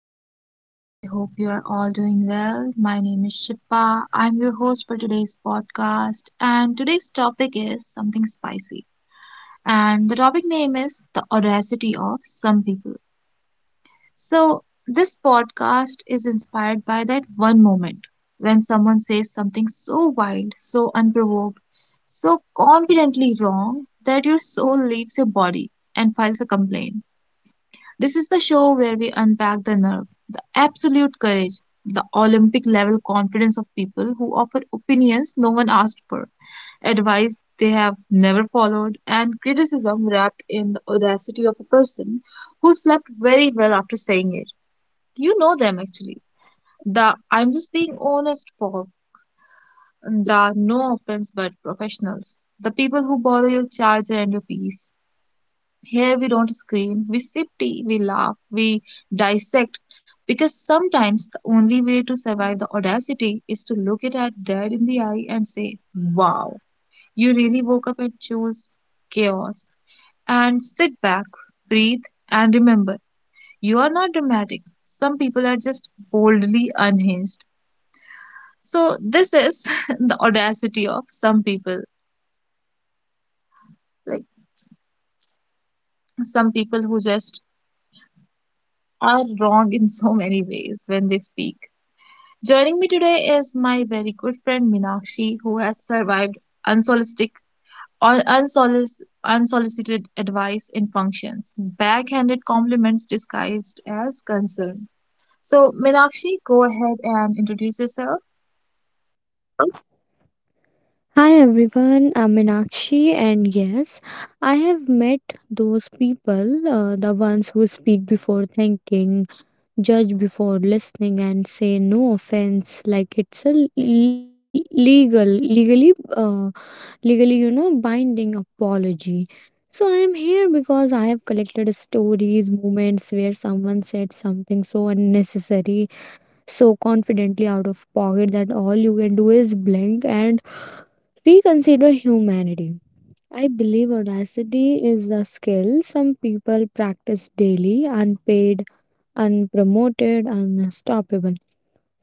everyone, I hope you are all doing well. My name is Shifa. I'm your host for today's podcast, and today's topic is something spicy. And the topic name is The Audacity of Some People. So, this podcast is inspired by that one moment when someone says something so wild, so unprovoked, so confidently wrong that your soul leaves your body and files a complaint. This is the show where we unpack the nerve, the absolute courage, the Olympic level confidence of people who offer opinions no one asked for, advice they have never followed, and criticism wrapped in the audacity of a person who slept very well after saying it. You know them actually. The I'm just being honest for the no offense but professionals. The people who borrow your charger and your PC here we don't scream, we sip tea, we laugh, we dissect, because sometimes the only way to survive the audacity is to look it at dead in the eye and say, wow, you really woke up and chose chaos. And sit back, breathe, and remember, you are not dramatic. Some people are just boldly unhinged. So, this is the audacity of some people. Like, some people who just are wrong in so many ways when they speak. Joining me today is my very good friend Minakshi, who has survived unsolicited, unsolicited advice in functions, backhanded compliments disguised as concern. So, Minakshi, go ahead and introduce yourself. Hi everyone, I'm Meenakshi, and yes, I have met those people, the ones who speak before thinking, judge before listening, and say no offense like it's a legal, legally, uh, legally, binding apology. So I am here because I have collected stories, moments where someone said something so unnecessary, so confidently out of pocket that all you can do is blink and reconsider humanity. I believe audacity is a skill some people practice daily, unpaid, unpromoted, unstoppable.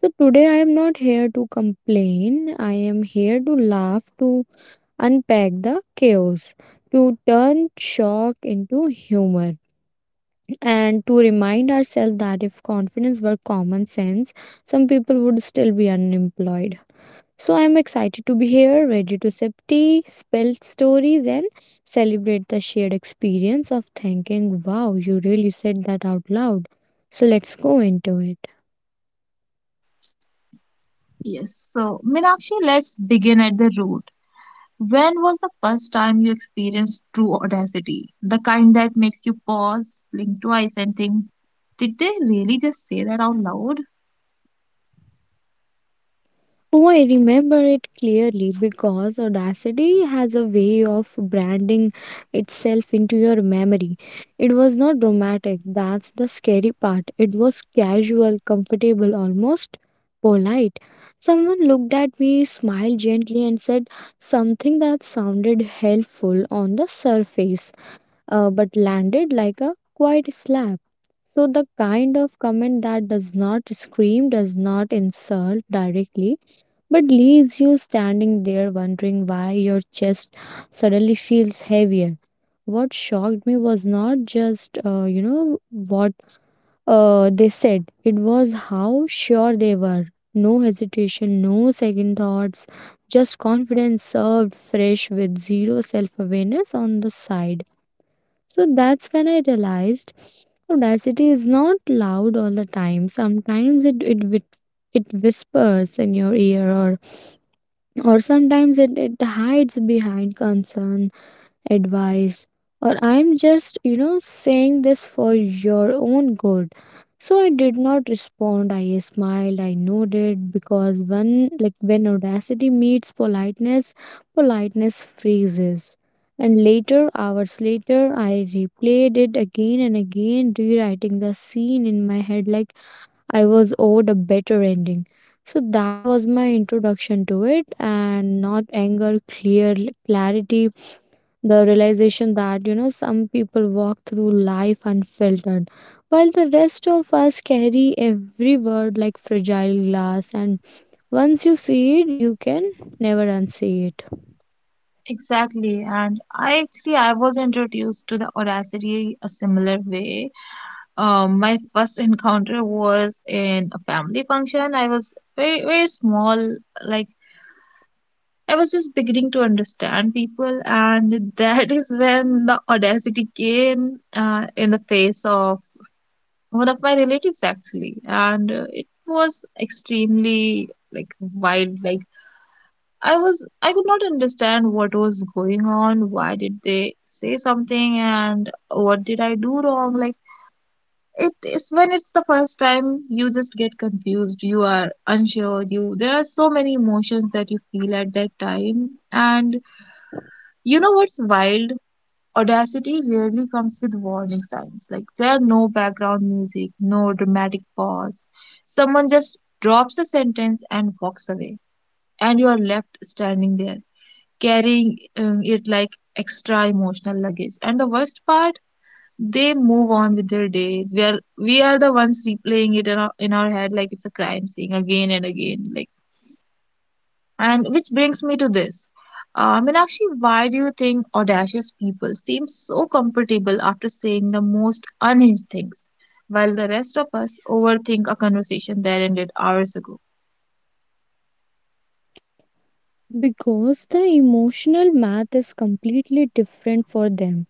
So today I am not here to complain. I am here to laugh, to unpack the chaos, to turn shock into humor, and to remind ourselves that if confidence were common sense, some people would still be unemployed. So I'm excited to be here, ready to sip tea, spill stories, and celebrate the shared experience of thinking, wow, you really said that out loud. So let's go into it. Yes, so Minakshi, let's begin at the root. When was the first time you experienced true audacity? The kind that makes you pause, blink twice, and think, did they really just say that out loud? Oh, I remember it clearly because audacity has a way of branding itself into your memory. It was not dramatic, that's the scary part. It was casual, comfortable, almost polite. Someone looked at me, smiled gently, and said something that sounded helpful on the surface, but landed like a quiet slap. So, the kind of comment that does not scream, does not insult directly but leaves you standing there wondering why your chest suddenly feels heavier. What shocked me was not just, what they said, it was how sure they were. No hesitation, no second thoughts, just confidence served fresh with zero self awareness on the side. So that's when I realized audacity is not loud all the time. Sometimes it whispers in your ear, or sometimes it hides behind concern, advice, or I'm just, saying this for your own good. So I did not respond. I smiled, I nodded because when audacity meets politeness, politeness freezes. And later, hours later, I replayed it again and again, rewriting the scene in my head like I was owed a better ending. So that was my introduction to it, and not anger, clear clarity, the realization that you know some people walk through life unfiltered, while the rest of us carry every word like fragile glass, and once you see it, you can never unsee it. Exactly, and I actually I was introduced to the Audacity a similar way. My first encounter was in a family function. I was very very small, like I was just beginning to understand people, and that is when the Audacity came in the face of one of my relatives actually, and it was extremely like wild, like I could not understand what was going on. Why did they say something and what did I do wrong? Like it is when it's the first time you just get confused, you are unsure, you there are so many emotions that you feel at that time. And you know what's wild? Audacity rarely comes with warning signs. Like there are no background music, no dramatic pause. Someone just drops a sentence and walks away. And you are left standing there carrying it like extra emotional luggage. And the worst part, they move on with their day. We are the ones replaying it in our head like it's a crime scene again and again. Like and which brings me to this. Meenakshi, why do you think audacious people seem so comfortable after saying the most unhinged things, while the rest of us overthink a conversation that ended hours ago? Because the emotional math is completely different for them.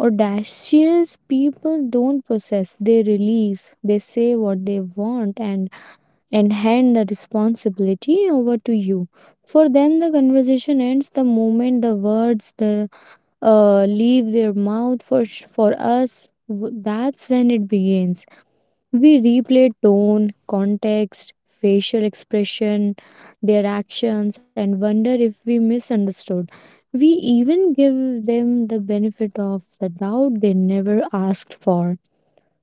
Audacious people don't process, they release, they say what they want, and hand the responsibility over to you. For them, the conversation ends the moment the words the leave their mouth. For us, that's when it begins. We replay tone, context, facial expression, their actions, and wonder if we misunderstood. We even give them the benefit of the doubt they never asked for.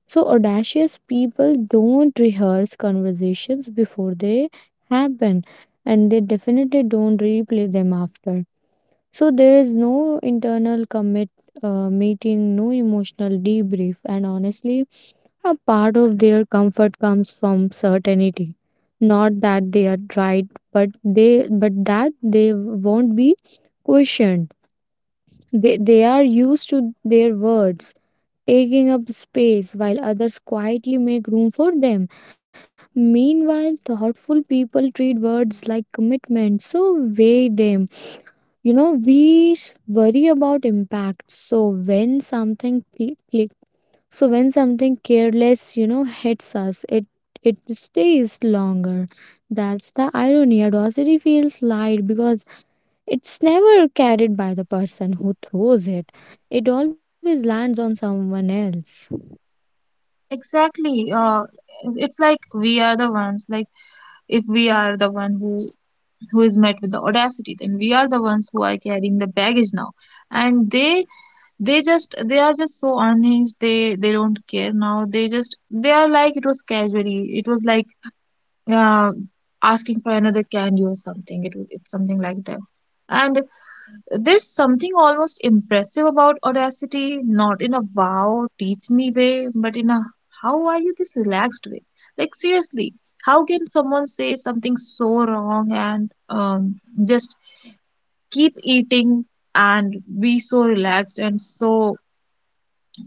So audacious people don't rehearse conversations before they happen and they definitely don't replay them after. So there is no internal commit meeting, no emotional debrief, and honestly, a part of their comfort comes from certainty. Not that they are right, but that they won't be questioned. They are used to their words taking up space while others quietly make room for them. Meanwhile, thoughtful people treat words like commitment, so weigh them. You know, we worry about impact. When something cl- click, so when something careless, hits us, it stays longer. That's the irony. Adversity feels light because it's never carried by the person who throws it. It always lands on someone else. Exactly. It's like we are the ones, like if we are the one who is met with the audacity, then we are the ones who are carrying the baggage now, and they just they are just so unhinged, they don't care now, they just they are like it was casually, it was like uh, asking for another candy or something. It was it's something like that. And there's something almost impressive about audacity, not in a wow, teach me way, but in a how are you this relaxed way. Like seriously, how can someone say something so wrong and just keep eating and be so relaxed and so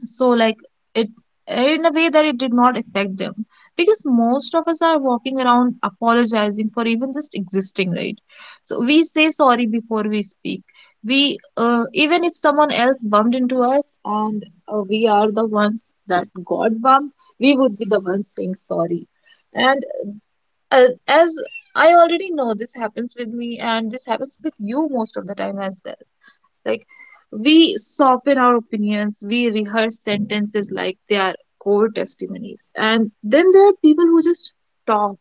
so like it in a way that it did not affect them, because most of us are walking around apologizing for even just existing, right? So we say sorry before we speak. We even if someone else bumped into us, and we are the ones that got bumped, we would be the ones saying sorry. And as I already know, this happens with me and this happens with you most of the time as well. Like we soften our opinions, we rehearse sentences like they are core testimonies. And then there are people who just talk,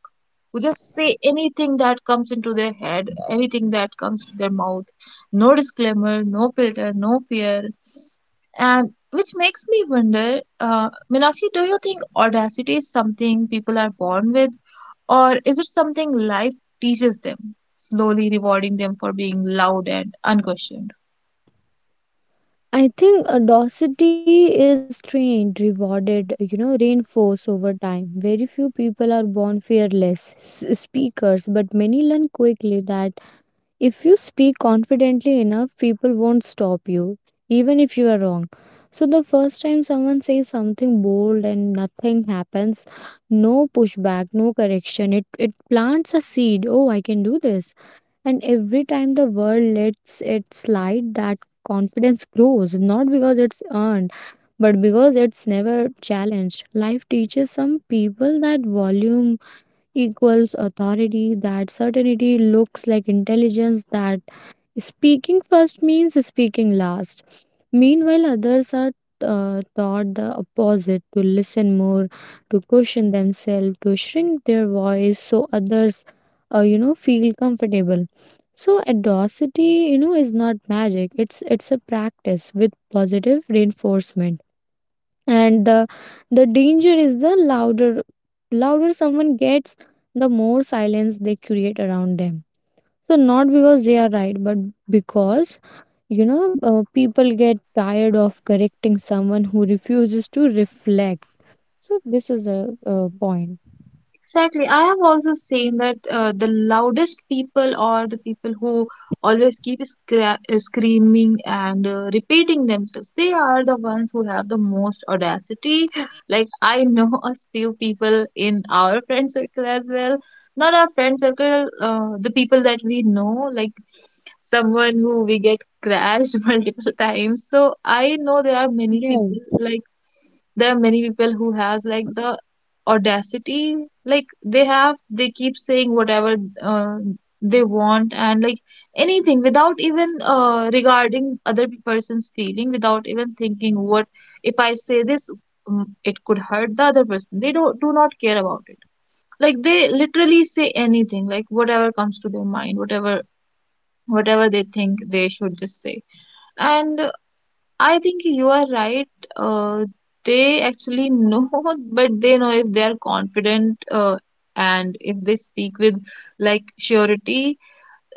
who just say anything that comes into their head, anything that comes to their mouth. No disclaimer, no filter, no fear. And which makes me wonder, Meenakshi, do you think audacity is something people are born with, or is it something life teaches them, slowly rewarding them for being loud and unquestioned? I think audacity is trained, rewarded, reinforced over time. Very few people are born fearless speakers, but many learn quickly that if you speak confidently enough, people won't stop you, even if you are wrong. So, the first time someone says something bold and nothing happens, no pushback, no correction, it plants a seed. Oh, I can do this. And every time the world lets it slide, that confidence grows, not because it's earned, but because it's never challenged. Life teaches some people that volume equals authority, that certainty looks like intelligence, that speaking first means speaking last. Meanwhile, others are taught the opposite, to listen more, to question themselves, to shrink their voice so others, feel comfortable. So audacity, is not magic. It's a practice with positive reinforcement. And the danger is the louder someone gets, the more silence they create around them. So not because they are right, but because people get tired of correcting someone who refuses to reflect. So, this is a point. Exactly. I have also seen that the loudest people are the people who always keep screaming and repeating themselves. They are the ones who have the most audacity. Like, I know a few people in our friend circle as well. Not our friend circle, the people that we know, like someone who we get crashed multiple times. So I know there Yeah. are many people like there are many people who has like the audacity, like they have they keep saying whatever uh, they want, and like anything without even regarding other person's feeling, without even thinking what if I say this, it could hurt the other person. They don't do not care about it. Like they literally say anything, like whatever comes to their mind, whatever they think they should just say. And I think you are right. Uh, they actually know, but they know if they are confident and if they speak with like surety,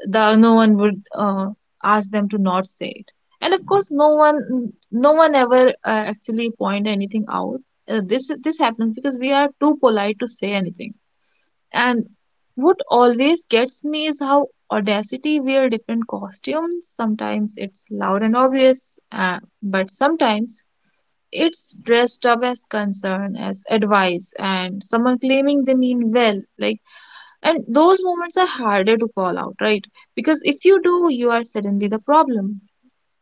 the no one would ask them to not say it. And of course, no one ever actually point anything out. This this happens because we are too polite to say anything. And what always gets me is how Audacity wear different costumes. Sometimes it's loud and obvious, but sometimes it's dressed up as concern, as advice, and someone claiming they mean well. Like, and those moments are harder to call out, right? Because if you do, you are suddenly the problem.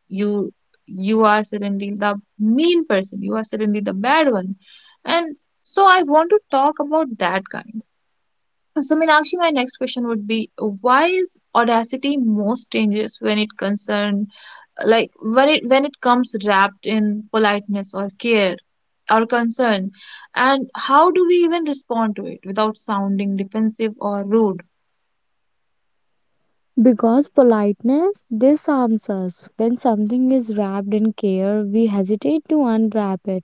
You you are suddenly the mean person. You are suddenly the bad one. And so I want to talk about that kind. So, Meenakshi, my next question would be, why is audacity most dangerous when it concern, like when it comes wrapped in politeness or care or concern, and how do we even respond to it without sounding defensive or rude? Because politeness disarms us. When something is wrapped in care, we hesitate to unwrap it.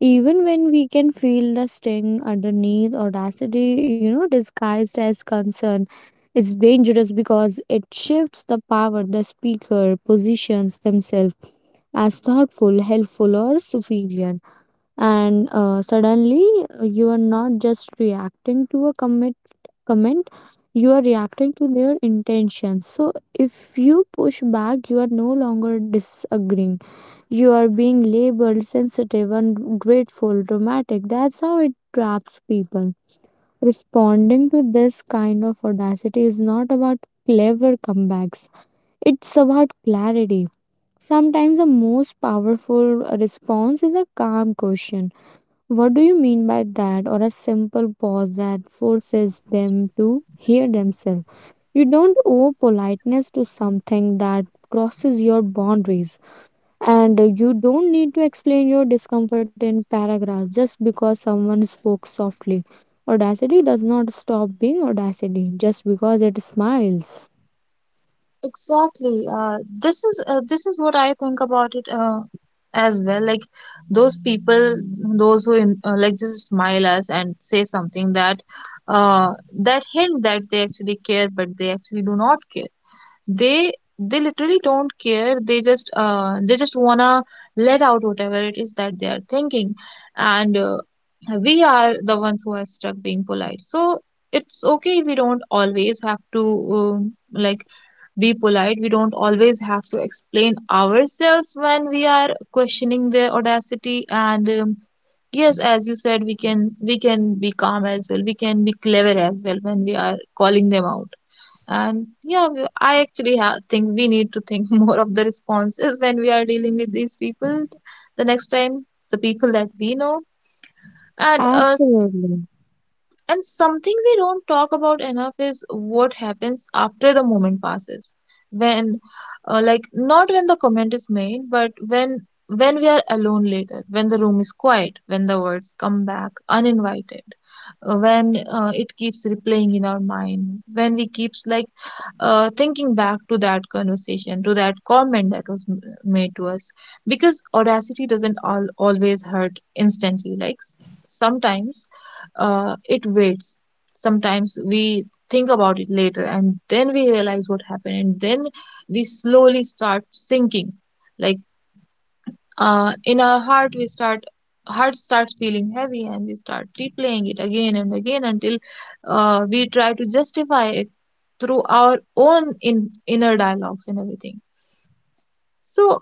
Even when we can feel the sting underneath, audacity, disguised as concern, is dangerous because it shifts the power. The speaker positions themselves as thoughtful, helpful, or superior. And suddenly, you are not just reacting to a commit comment, you are reacting to their intentions. So, if you push back, you are no longer disagreeing, you are being labeled sensitive, ungrateful, dramatic. That's how it traps people. Responding to this kind of audacity is not about clever comebacks, it's about clarity. Sometimes the most powerful response is a calm question. What do you mean by that? Or a simple pause that forces them to hear themselves. You don't owe politeness to something that crosses your boundaries. And you don't need to explain your discomfort in paragraphs just because someone spoke softly. Audacity does not stop being audacity just because it smiles. Exactly. This is this is what I think about it as well. Like those people, those who in, like just smile us and say something that uh, that hint that they actually care, but they actually do not care. They literally don't care. They just wanna let out whatever it is that they are thinking, and we are the ones who are stuck being polite. So it's okay if we don't always have to like be polite. We don't always have to explain ourselves when we are questioning their audacity. And yes, as you said, we can be calm as well. We can be clever as well when we are calling them out. And yeah, I actually ha think we need to think more of the responses when we are dealing with these people the next time, the people that we know. And uh, Absolutely. and something we don't talk about enough is what happens after the moment passes. When, not when the comment is made, but when we are alone later, when the room is quiet, when the words come back uninvited, when it keeps replaying in our mind when we keeps thinking back to that conversation, to that comment that was made to us, because audacity doesn't always hurt instantly like sometimes it waits. Sometimes we think about it later and then we realize what happened, and then we slowly start sinking, like in our heart we start, heart starts feeling heavy, and we start replaying it again and again until we try to justify it through our own inner dialogues and everything. So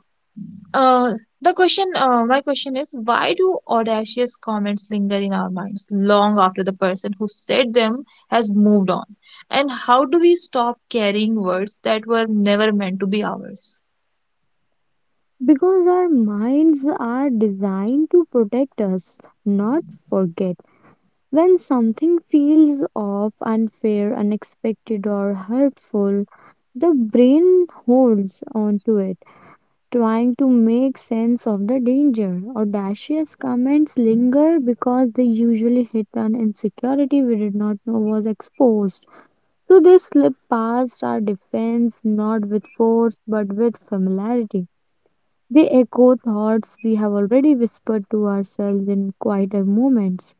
uh, the question My question is, why do audacious comments linger in our minds long after the person who said them has moved on, and how do we stop carrying words that were never meant to be ours? Because our minds are designed to protect us, not forget. When something feels off, unfair, unexpected, or hurtful, the brain holds on to it trying to make sense of the danger. Audacious comments linger because they usually hit an insecurity we did not know was exposed. So they slip past our defense not with force but with familiarity. They echo thoughts we have already whispered to ourselves in quieter moments.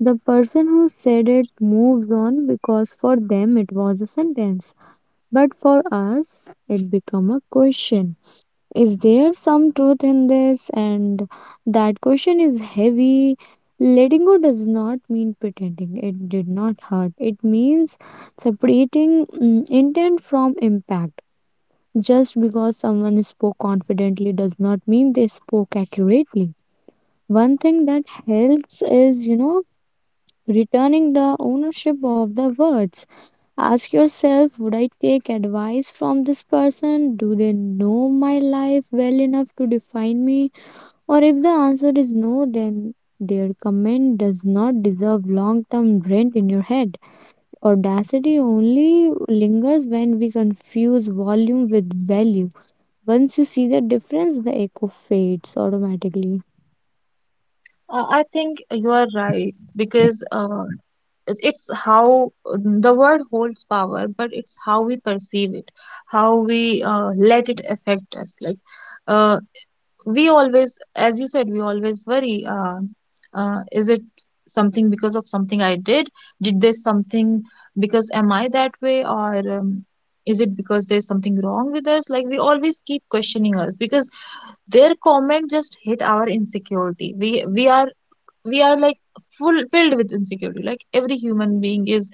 The person who said it moves on because for them it was a sentence, but for us it became a question. Is there some truth in this? And that question is heavy. Letting go does not mean pretending it did not hurt. It means separating intent from impact. Just because someone spoke confidently does not mean they spoke accurately. One thing that helps is, returning the ownership of the words. Ask yourself, would I take advice from this person? Do they know my life well enough to define me? Or if the answer is no, then their comment does not deserve long term rent in your head. Audacity only lingers when we confuse volume with value. Once you see the difference, the echo fades automatically. I think you are right, because it's how the word holds power, but it's how we perceive it, how we let it affect us. Like, uh, we always, as you said, we always worry, is it something, because of something I did this something because am I that way, or um, is it because there's something wrong with us? Like, we always keep questioning us because their comment just hit our insecurity. We we are we are like full filled with insecurity, like every human being is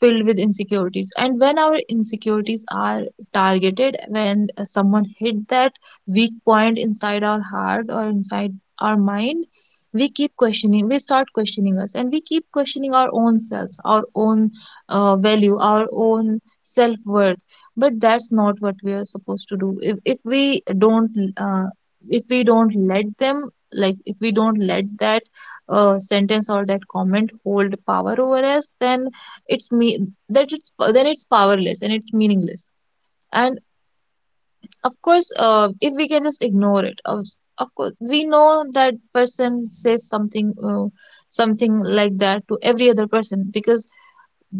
filled with insecurities. And when our insecurities are targeted, when someone hit that weak point inside our heart or inside our mind, we start questioning us, and we keep questioning our own self, our own value, our own self worth. But that's not what we are supposed to do. If we don't, uh, if we don't let them, like if we don't let that sentence or that comment hold power over us, then it's me that it's, then it's powerless and it's meaningless. And of course, if we can just ignore it. Of course we know that person says something, something like that to every other person, because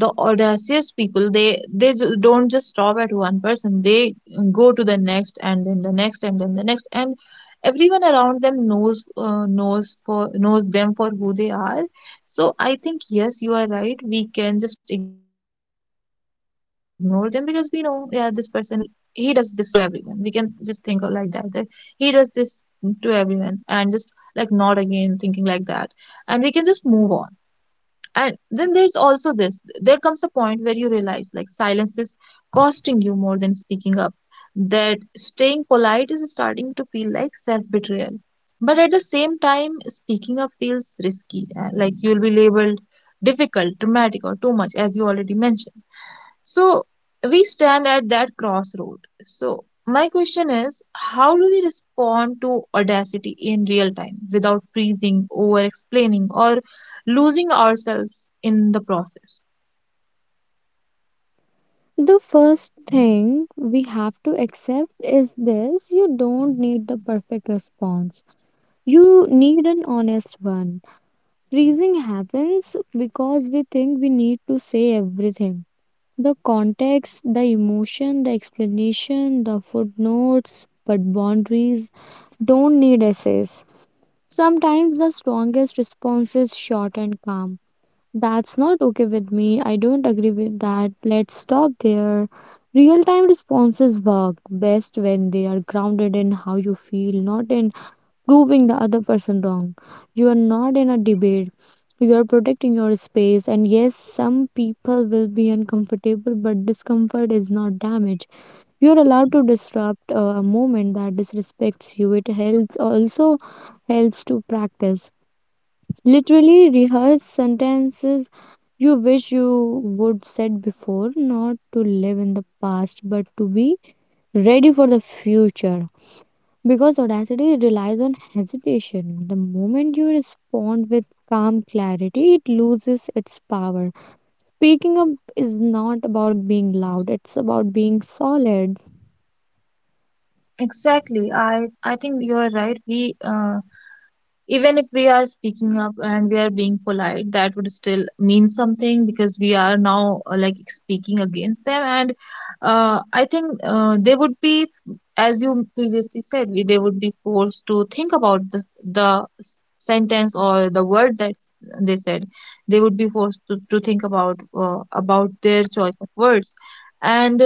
the audacious people, they don't just stop at one person, they go to the next, and then the next, and then the next, and everyone around them knows, knows for knows them for who they are. So I think, yes, you are right, we can just ignore them because we know, yeah, this person will, he does this to everyone. We can just think like that, that he does this to everyone, and just like not again thinking like that, and we can just move on. And then there's also this, there comes a point where you realize like silence is costing you more than speaking up, that staying polite is starting to feel like self betrayal. But at the same time, speaking up feels risky, like you'll be labeled difficult, dramatic, or too much, as you already mentioned. So we stand at that crossroad. So my question is, how do we respond to audacity in real time without freezing, over explaining, or losing ourselves in the process? The first thing we have to accept is this: you don't need the perfect response, you need an honest one. Freezing happens because we think we need to say everything, the context, the emotion, the explanation, the footnotes, but boundaries don't need essays. Sometimes the strongest response is short and calm. That's not okay with me. I don't agree with that. Let's stop there. Real time responses work best when they are grounded in how you feel, not in proving the other person wrong. You are not in a debate. You are protecting your space, and yes, some people will be uncomfortable, but discomfort is not damage. You are allowed to disrupt a moment that disrespects you. It helps also helps to practice. Literally rehearse sentences you wish you would said before, not to live in the past, but to be ready for the future. Because audacity relies on hesitation. The moment you respond with calm clarity, it loses its power. Speaking up is not about being loud, it's about being solid. Exactly. I think you are right. We Even if we are speaking up and we are being polite, that would still mean something, because we are now like speaking against them. And I think they would be, as you previously said, they would be forced to think about the sentence or the word that they said. They would be forced to think about their choice of words. And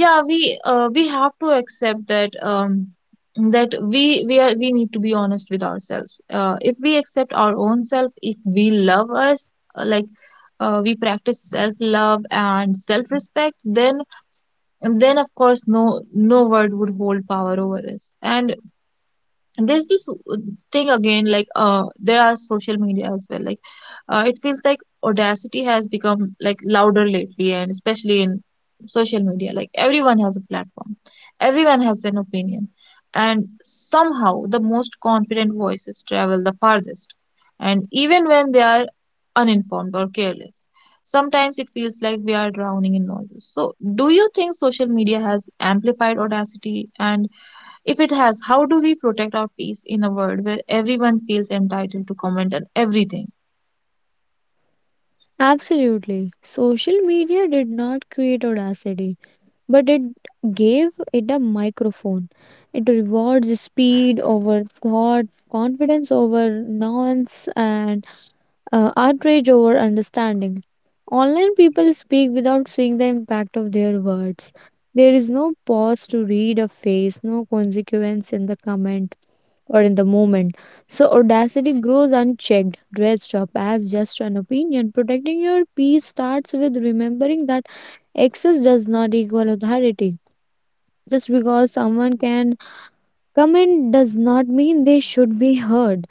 yeah, we have to accept that, that we need to be honest with ourselves. If we accept our own self, if we love us, uh, like we practice self love and self respect, then of course no word would hold power over us. And there's this thing again, like there are social media as well. Like, it feels like audacity has become like louder lately, and especially in social media. Like, everyone has a platform, everyone has an opinion, and somehow the most confident voices travel the farthest, and even when they are uninformed or careless. Sometimes it feels like we are drowning in noises. So, do you think social media has amplified audacity, and if it has, how do we protect our peace in a world where everyone feels entitled to comment on everything? Absolutely. Social media did not create audacity, but it gave it a microphone. It rewards speed over thought, confidence over nuance, and outrage over understanding. Online people speak without seeing the impact of their words. There is no pause to read a face, no consequence in the comment or in the moment. So audacity grows unchecked, dressed up as just an opinion. Protecting your peace starts with remembering that excess does not equal authority. Just because someone can comment does not mean they should be heard,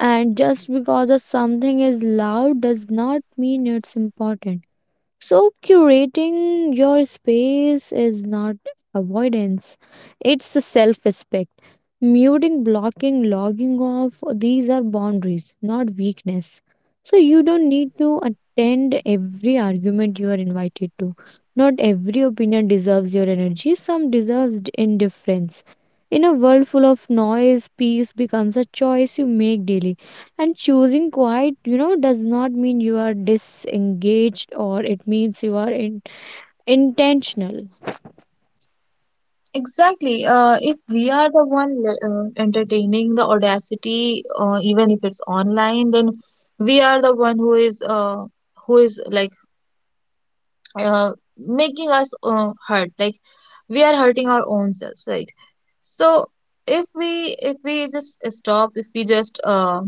and just because of something is loud does not mean it's important. So curating your space is not avoidance, it's self respect. Muting, blocking, logging off, these are boundaries, not weakness. So you don't need to attend every argument you are invited to. Not every opinion deserves your energy, some deserves indifference. In a world full of noise, peace becomes a choice you make daily. And choosing quiet, does not mean you are disengaged, or it means you are intentional. Exactly. If we are the one entertaining the audacity, even if it's online, then we are the one who is, who is like making us hurt. Like, we are hurting our own selves, right? So if we, if we just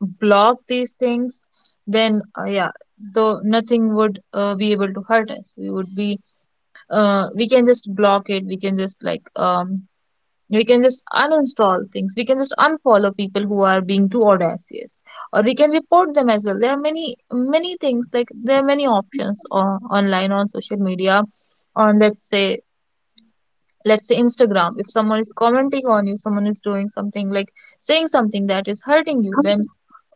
block these things, then yeah, though nothing would be able to hurt us. We would be We can just block it. We can just like, we can just uninstall things. We can just unfollow people who are being too audacious, or we can report them as well. There are many many things, like there are many options on, online on social media, on, let's say, let's say Instagram. If someone is commenting on you, someone is doing something like saying something that is hurting you, then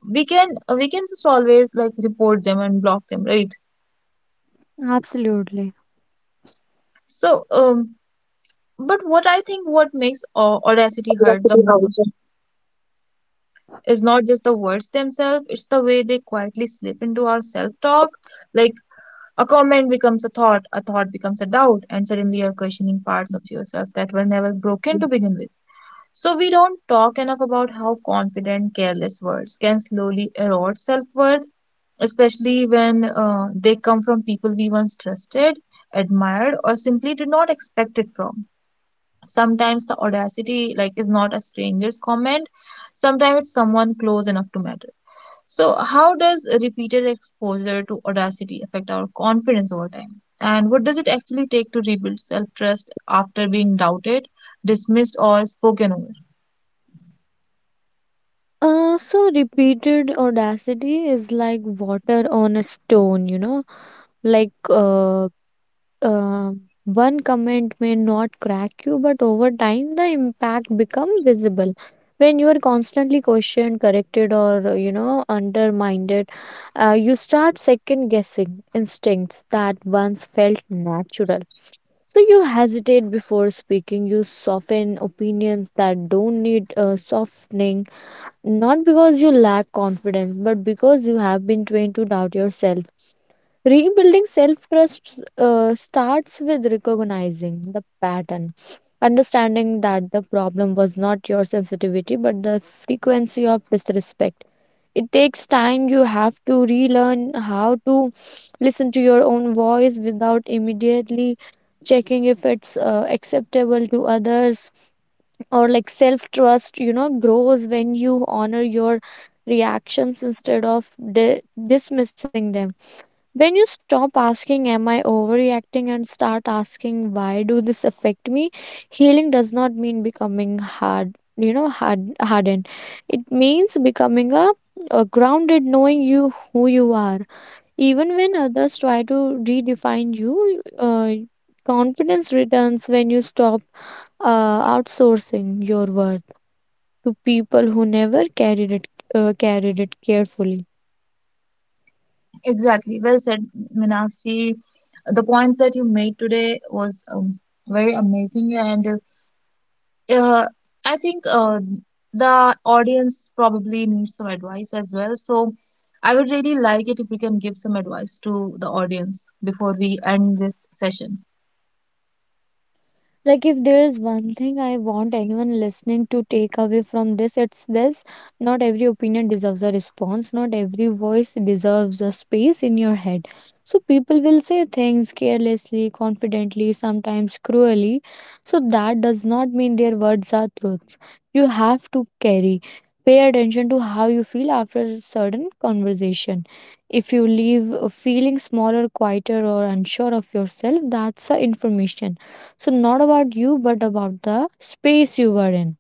we can, we can just always like report them and block them, right? Absolutely. So, but what I think, what makes audacity hurt the most is not just the words themselves, it's the way they quietly slip into our self talk. Like, a comment becomes a thought, a thought becomes a doubt, and suddenly you're questioning parts of yourself that were never broken to begin with. So we don't talk enough about how confident careless words can slowly erode self worth, especially when they come from people we once trusted, admired, or simply did not expect it from. Sometimes the audacity like is not a stranger's comment. Sometimes it's someone close enough to matter. So, how does repeated exposure to audacity affect our confidence over time? And what does it actually take to rebuild self trust after being doubted, dismissed, or spoken over? So repeated audacity is like water on a stone, like uh, uh, one comment may not crack you, but over time the impact become visible. When you are constantly questioned, corrected, or undermined, you start second guessing instincts that once felt natural. So you hesitate before speaking. You soften opinions that don't need softening, not because you lack confidence, but because you have been trained to doubt yourself. Rebuilding self trust starts with recognizing the pattern, understanding that the problem was not your sensitivity, but the frequency of disrespect. It takes time, you have to relearn how to listen to your own voice without immediately checking if it's acceptable to others. Or like self trust, you know, grows when you honor your reactions instead of dismissing them. When you stop asking, am I overreacting, and start asking, why do this affect me. Healing does not mean becoming hard, you know, hardened. It means becoming a grounded, knowing you who you are even when others try to redefine you. Confidence returns when you stop outsourcing your worth to people who never carried it carefully. Exactly. Well said, Minakshi. The points that you made today was very amazing, and uh, I think the audience probably needs some advice as well. So I would really like it if we can give some advice to the audience before we end this session. Like, if there is one thing I want anyone listening to take away from this, it's this. Not every opinion deserves a response, not every voice deserves a space in your head. So, people will say things carelessly, confidently, sometimes cruelly. So, that does not mean their words are truths you have to carry. Pay attention to how you feel after a certain conversation. If you leave feeling smaller, quieter, or unsure of yourself, that's a information, so not about you, but about the space you were in.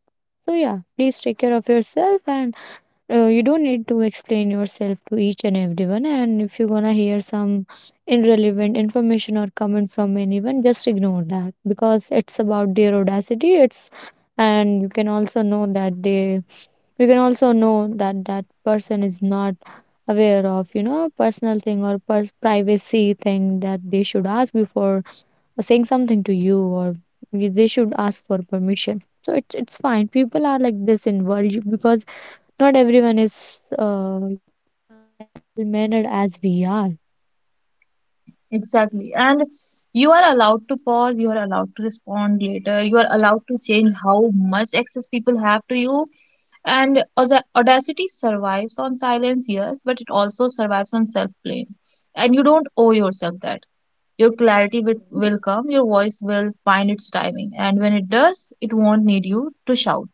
So yeah, please take care of yourself, and you don't need to explain yourself to each and everyone. And if you're gonna hear some irrelevant information or comment from anyone, just ignore that because it's about their audacity. It's And you can also know that that person is not aware of, you know, personal thing or privacy thing, that they should ask before or saying something to you, or they should ask for permission. So it's fine, people are like this in world, because not everyone is uh, well mannered as we are. Exactly. And you are allowed to pause, you are allowed to respond later, you are allowed to change how much access people have to you. And the audacity survives on silence, yes, but it also survives on self blame. And you don't owe yourself that. Your clarity will come, your voice will find its timing. And when it does, it won't need you to shout.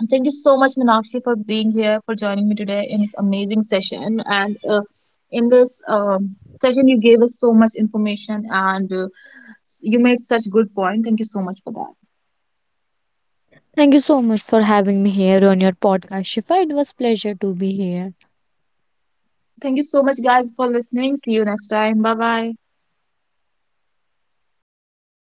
And thank you so much, Meenakshi, for being here, for joining me today in this amazing session. And in this session, you gave us so much information, and you made such good point. Thank you so much for that. Thank you so much for having me here on your podcast, Shifa. It was pleasure to be here. Thank you so much, guys, for listening. See you next time. Bye bye.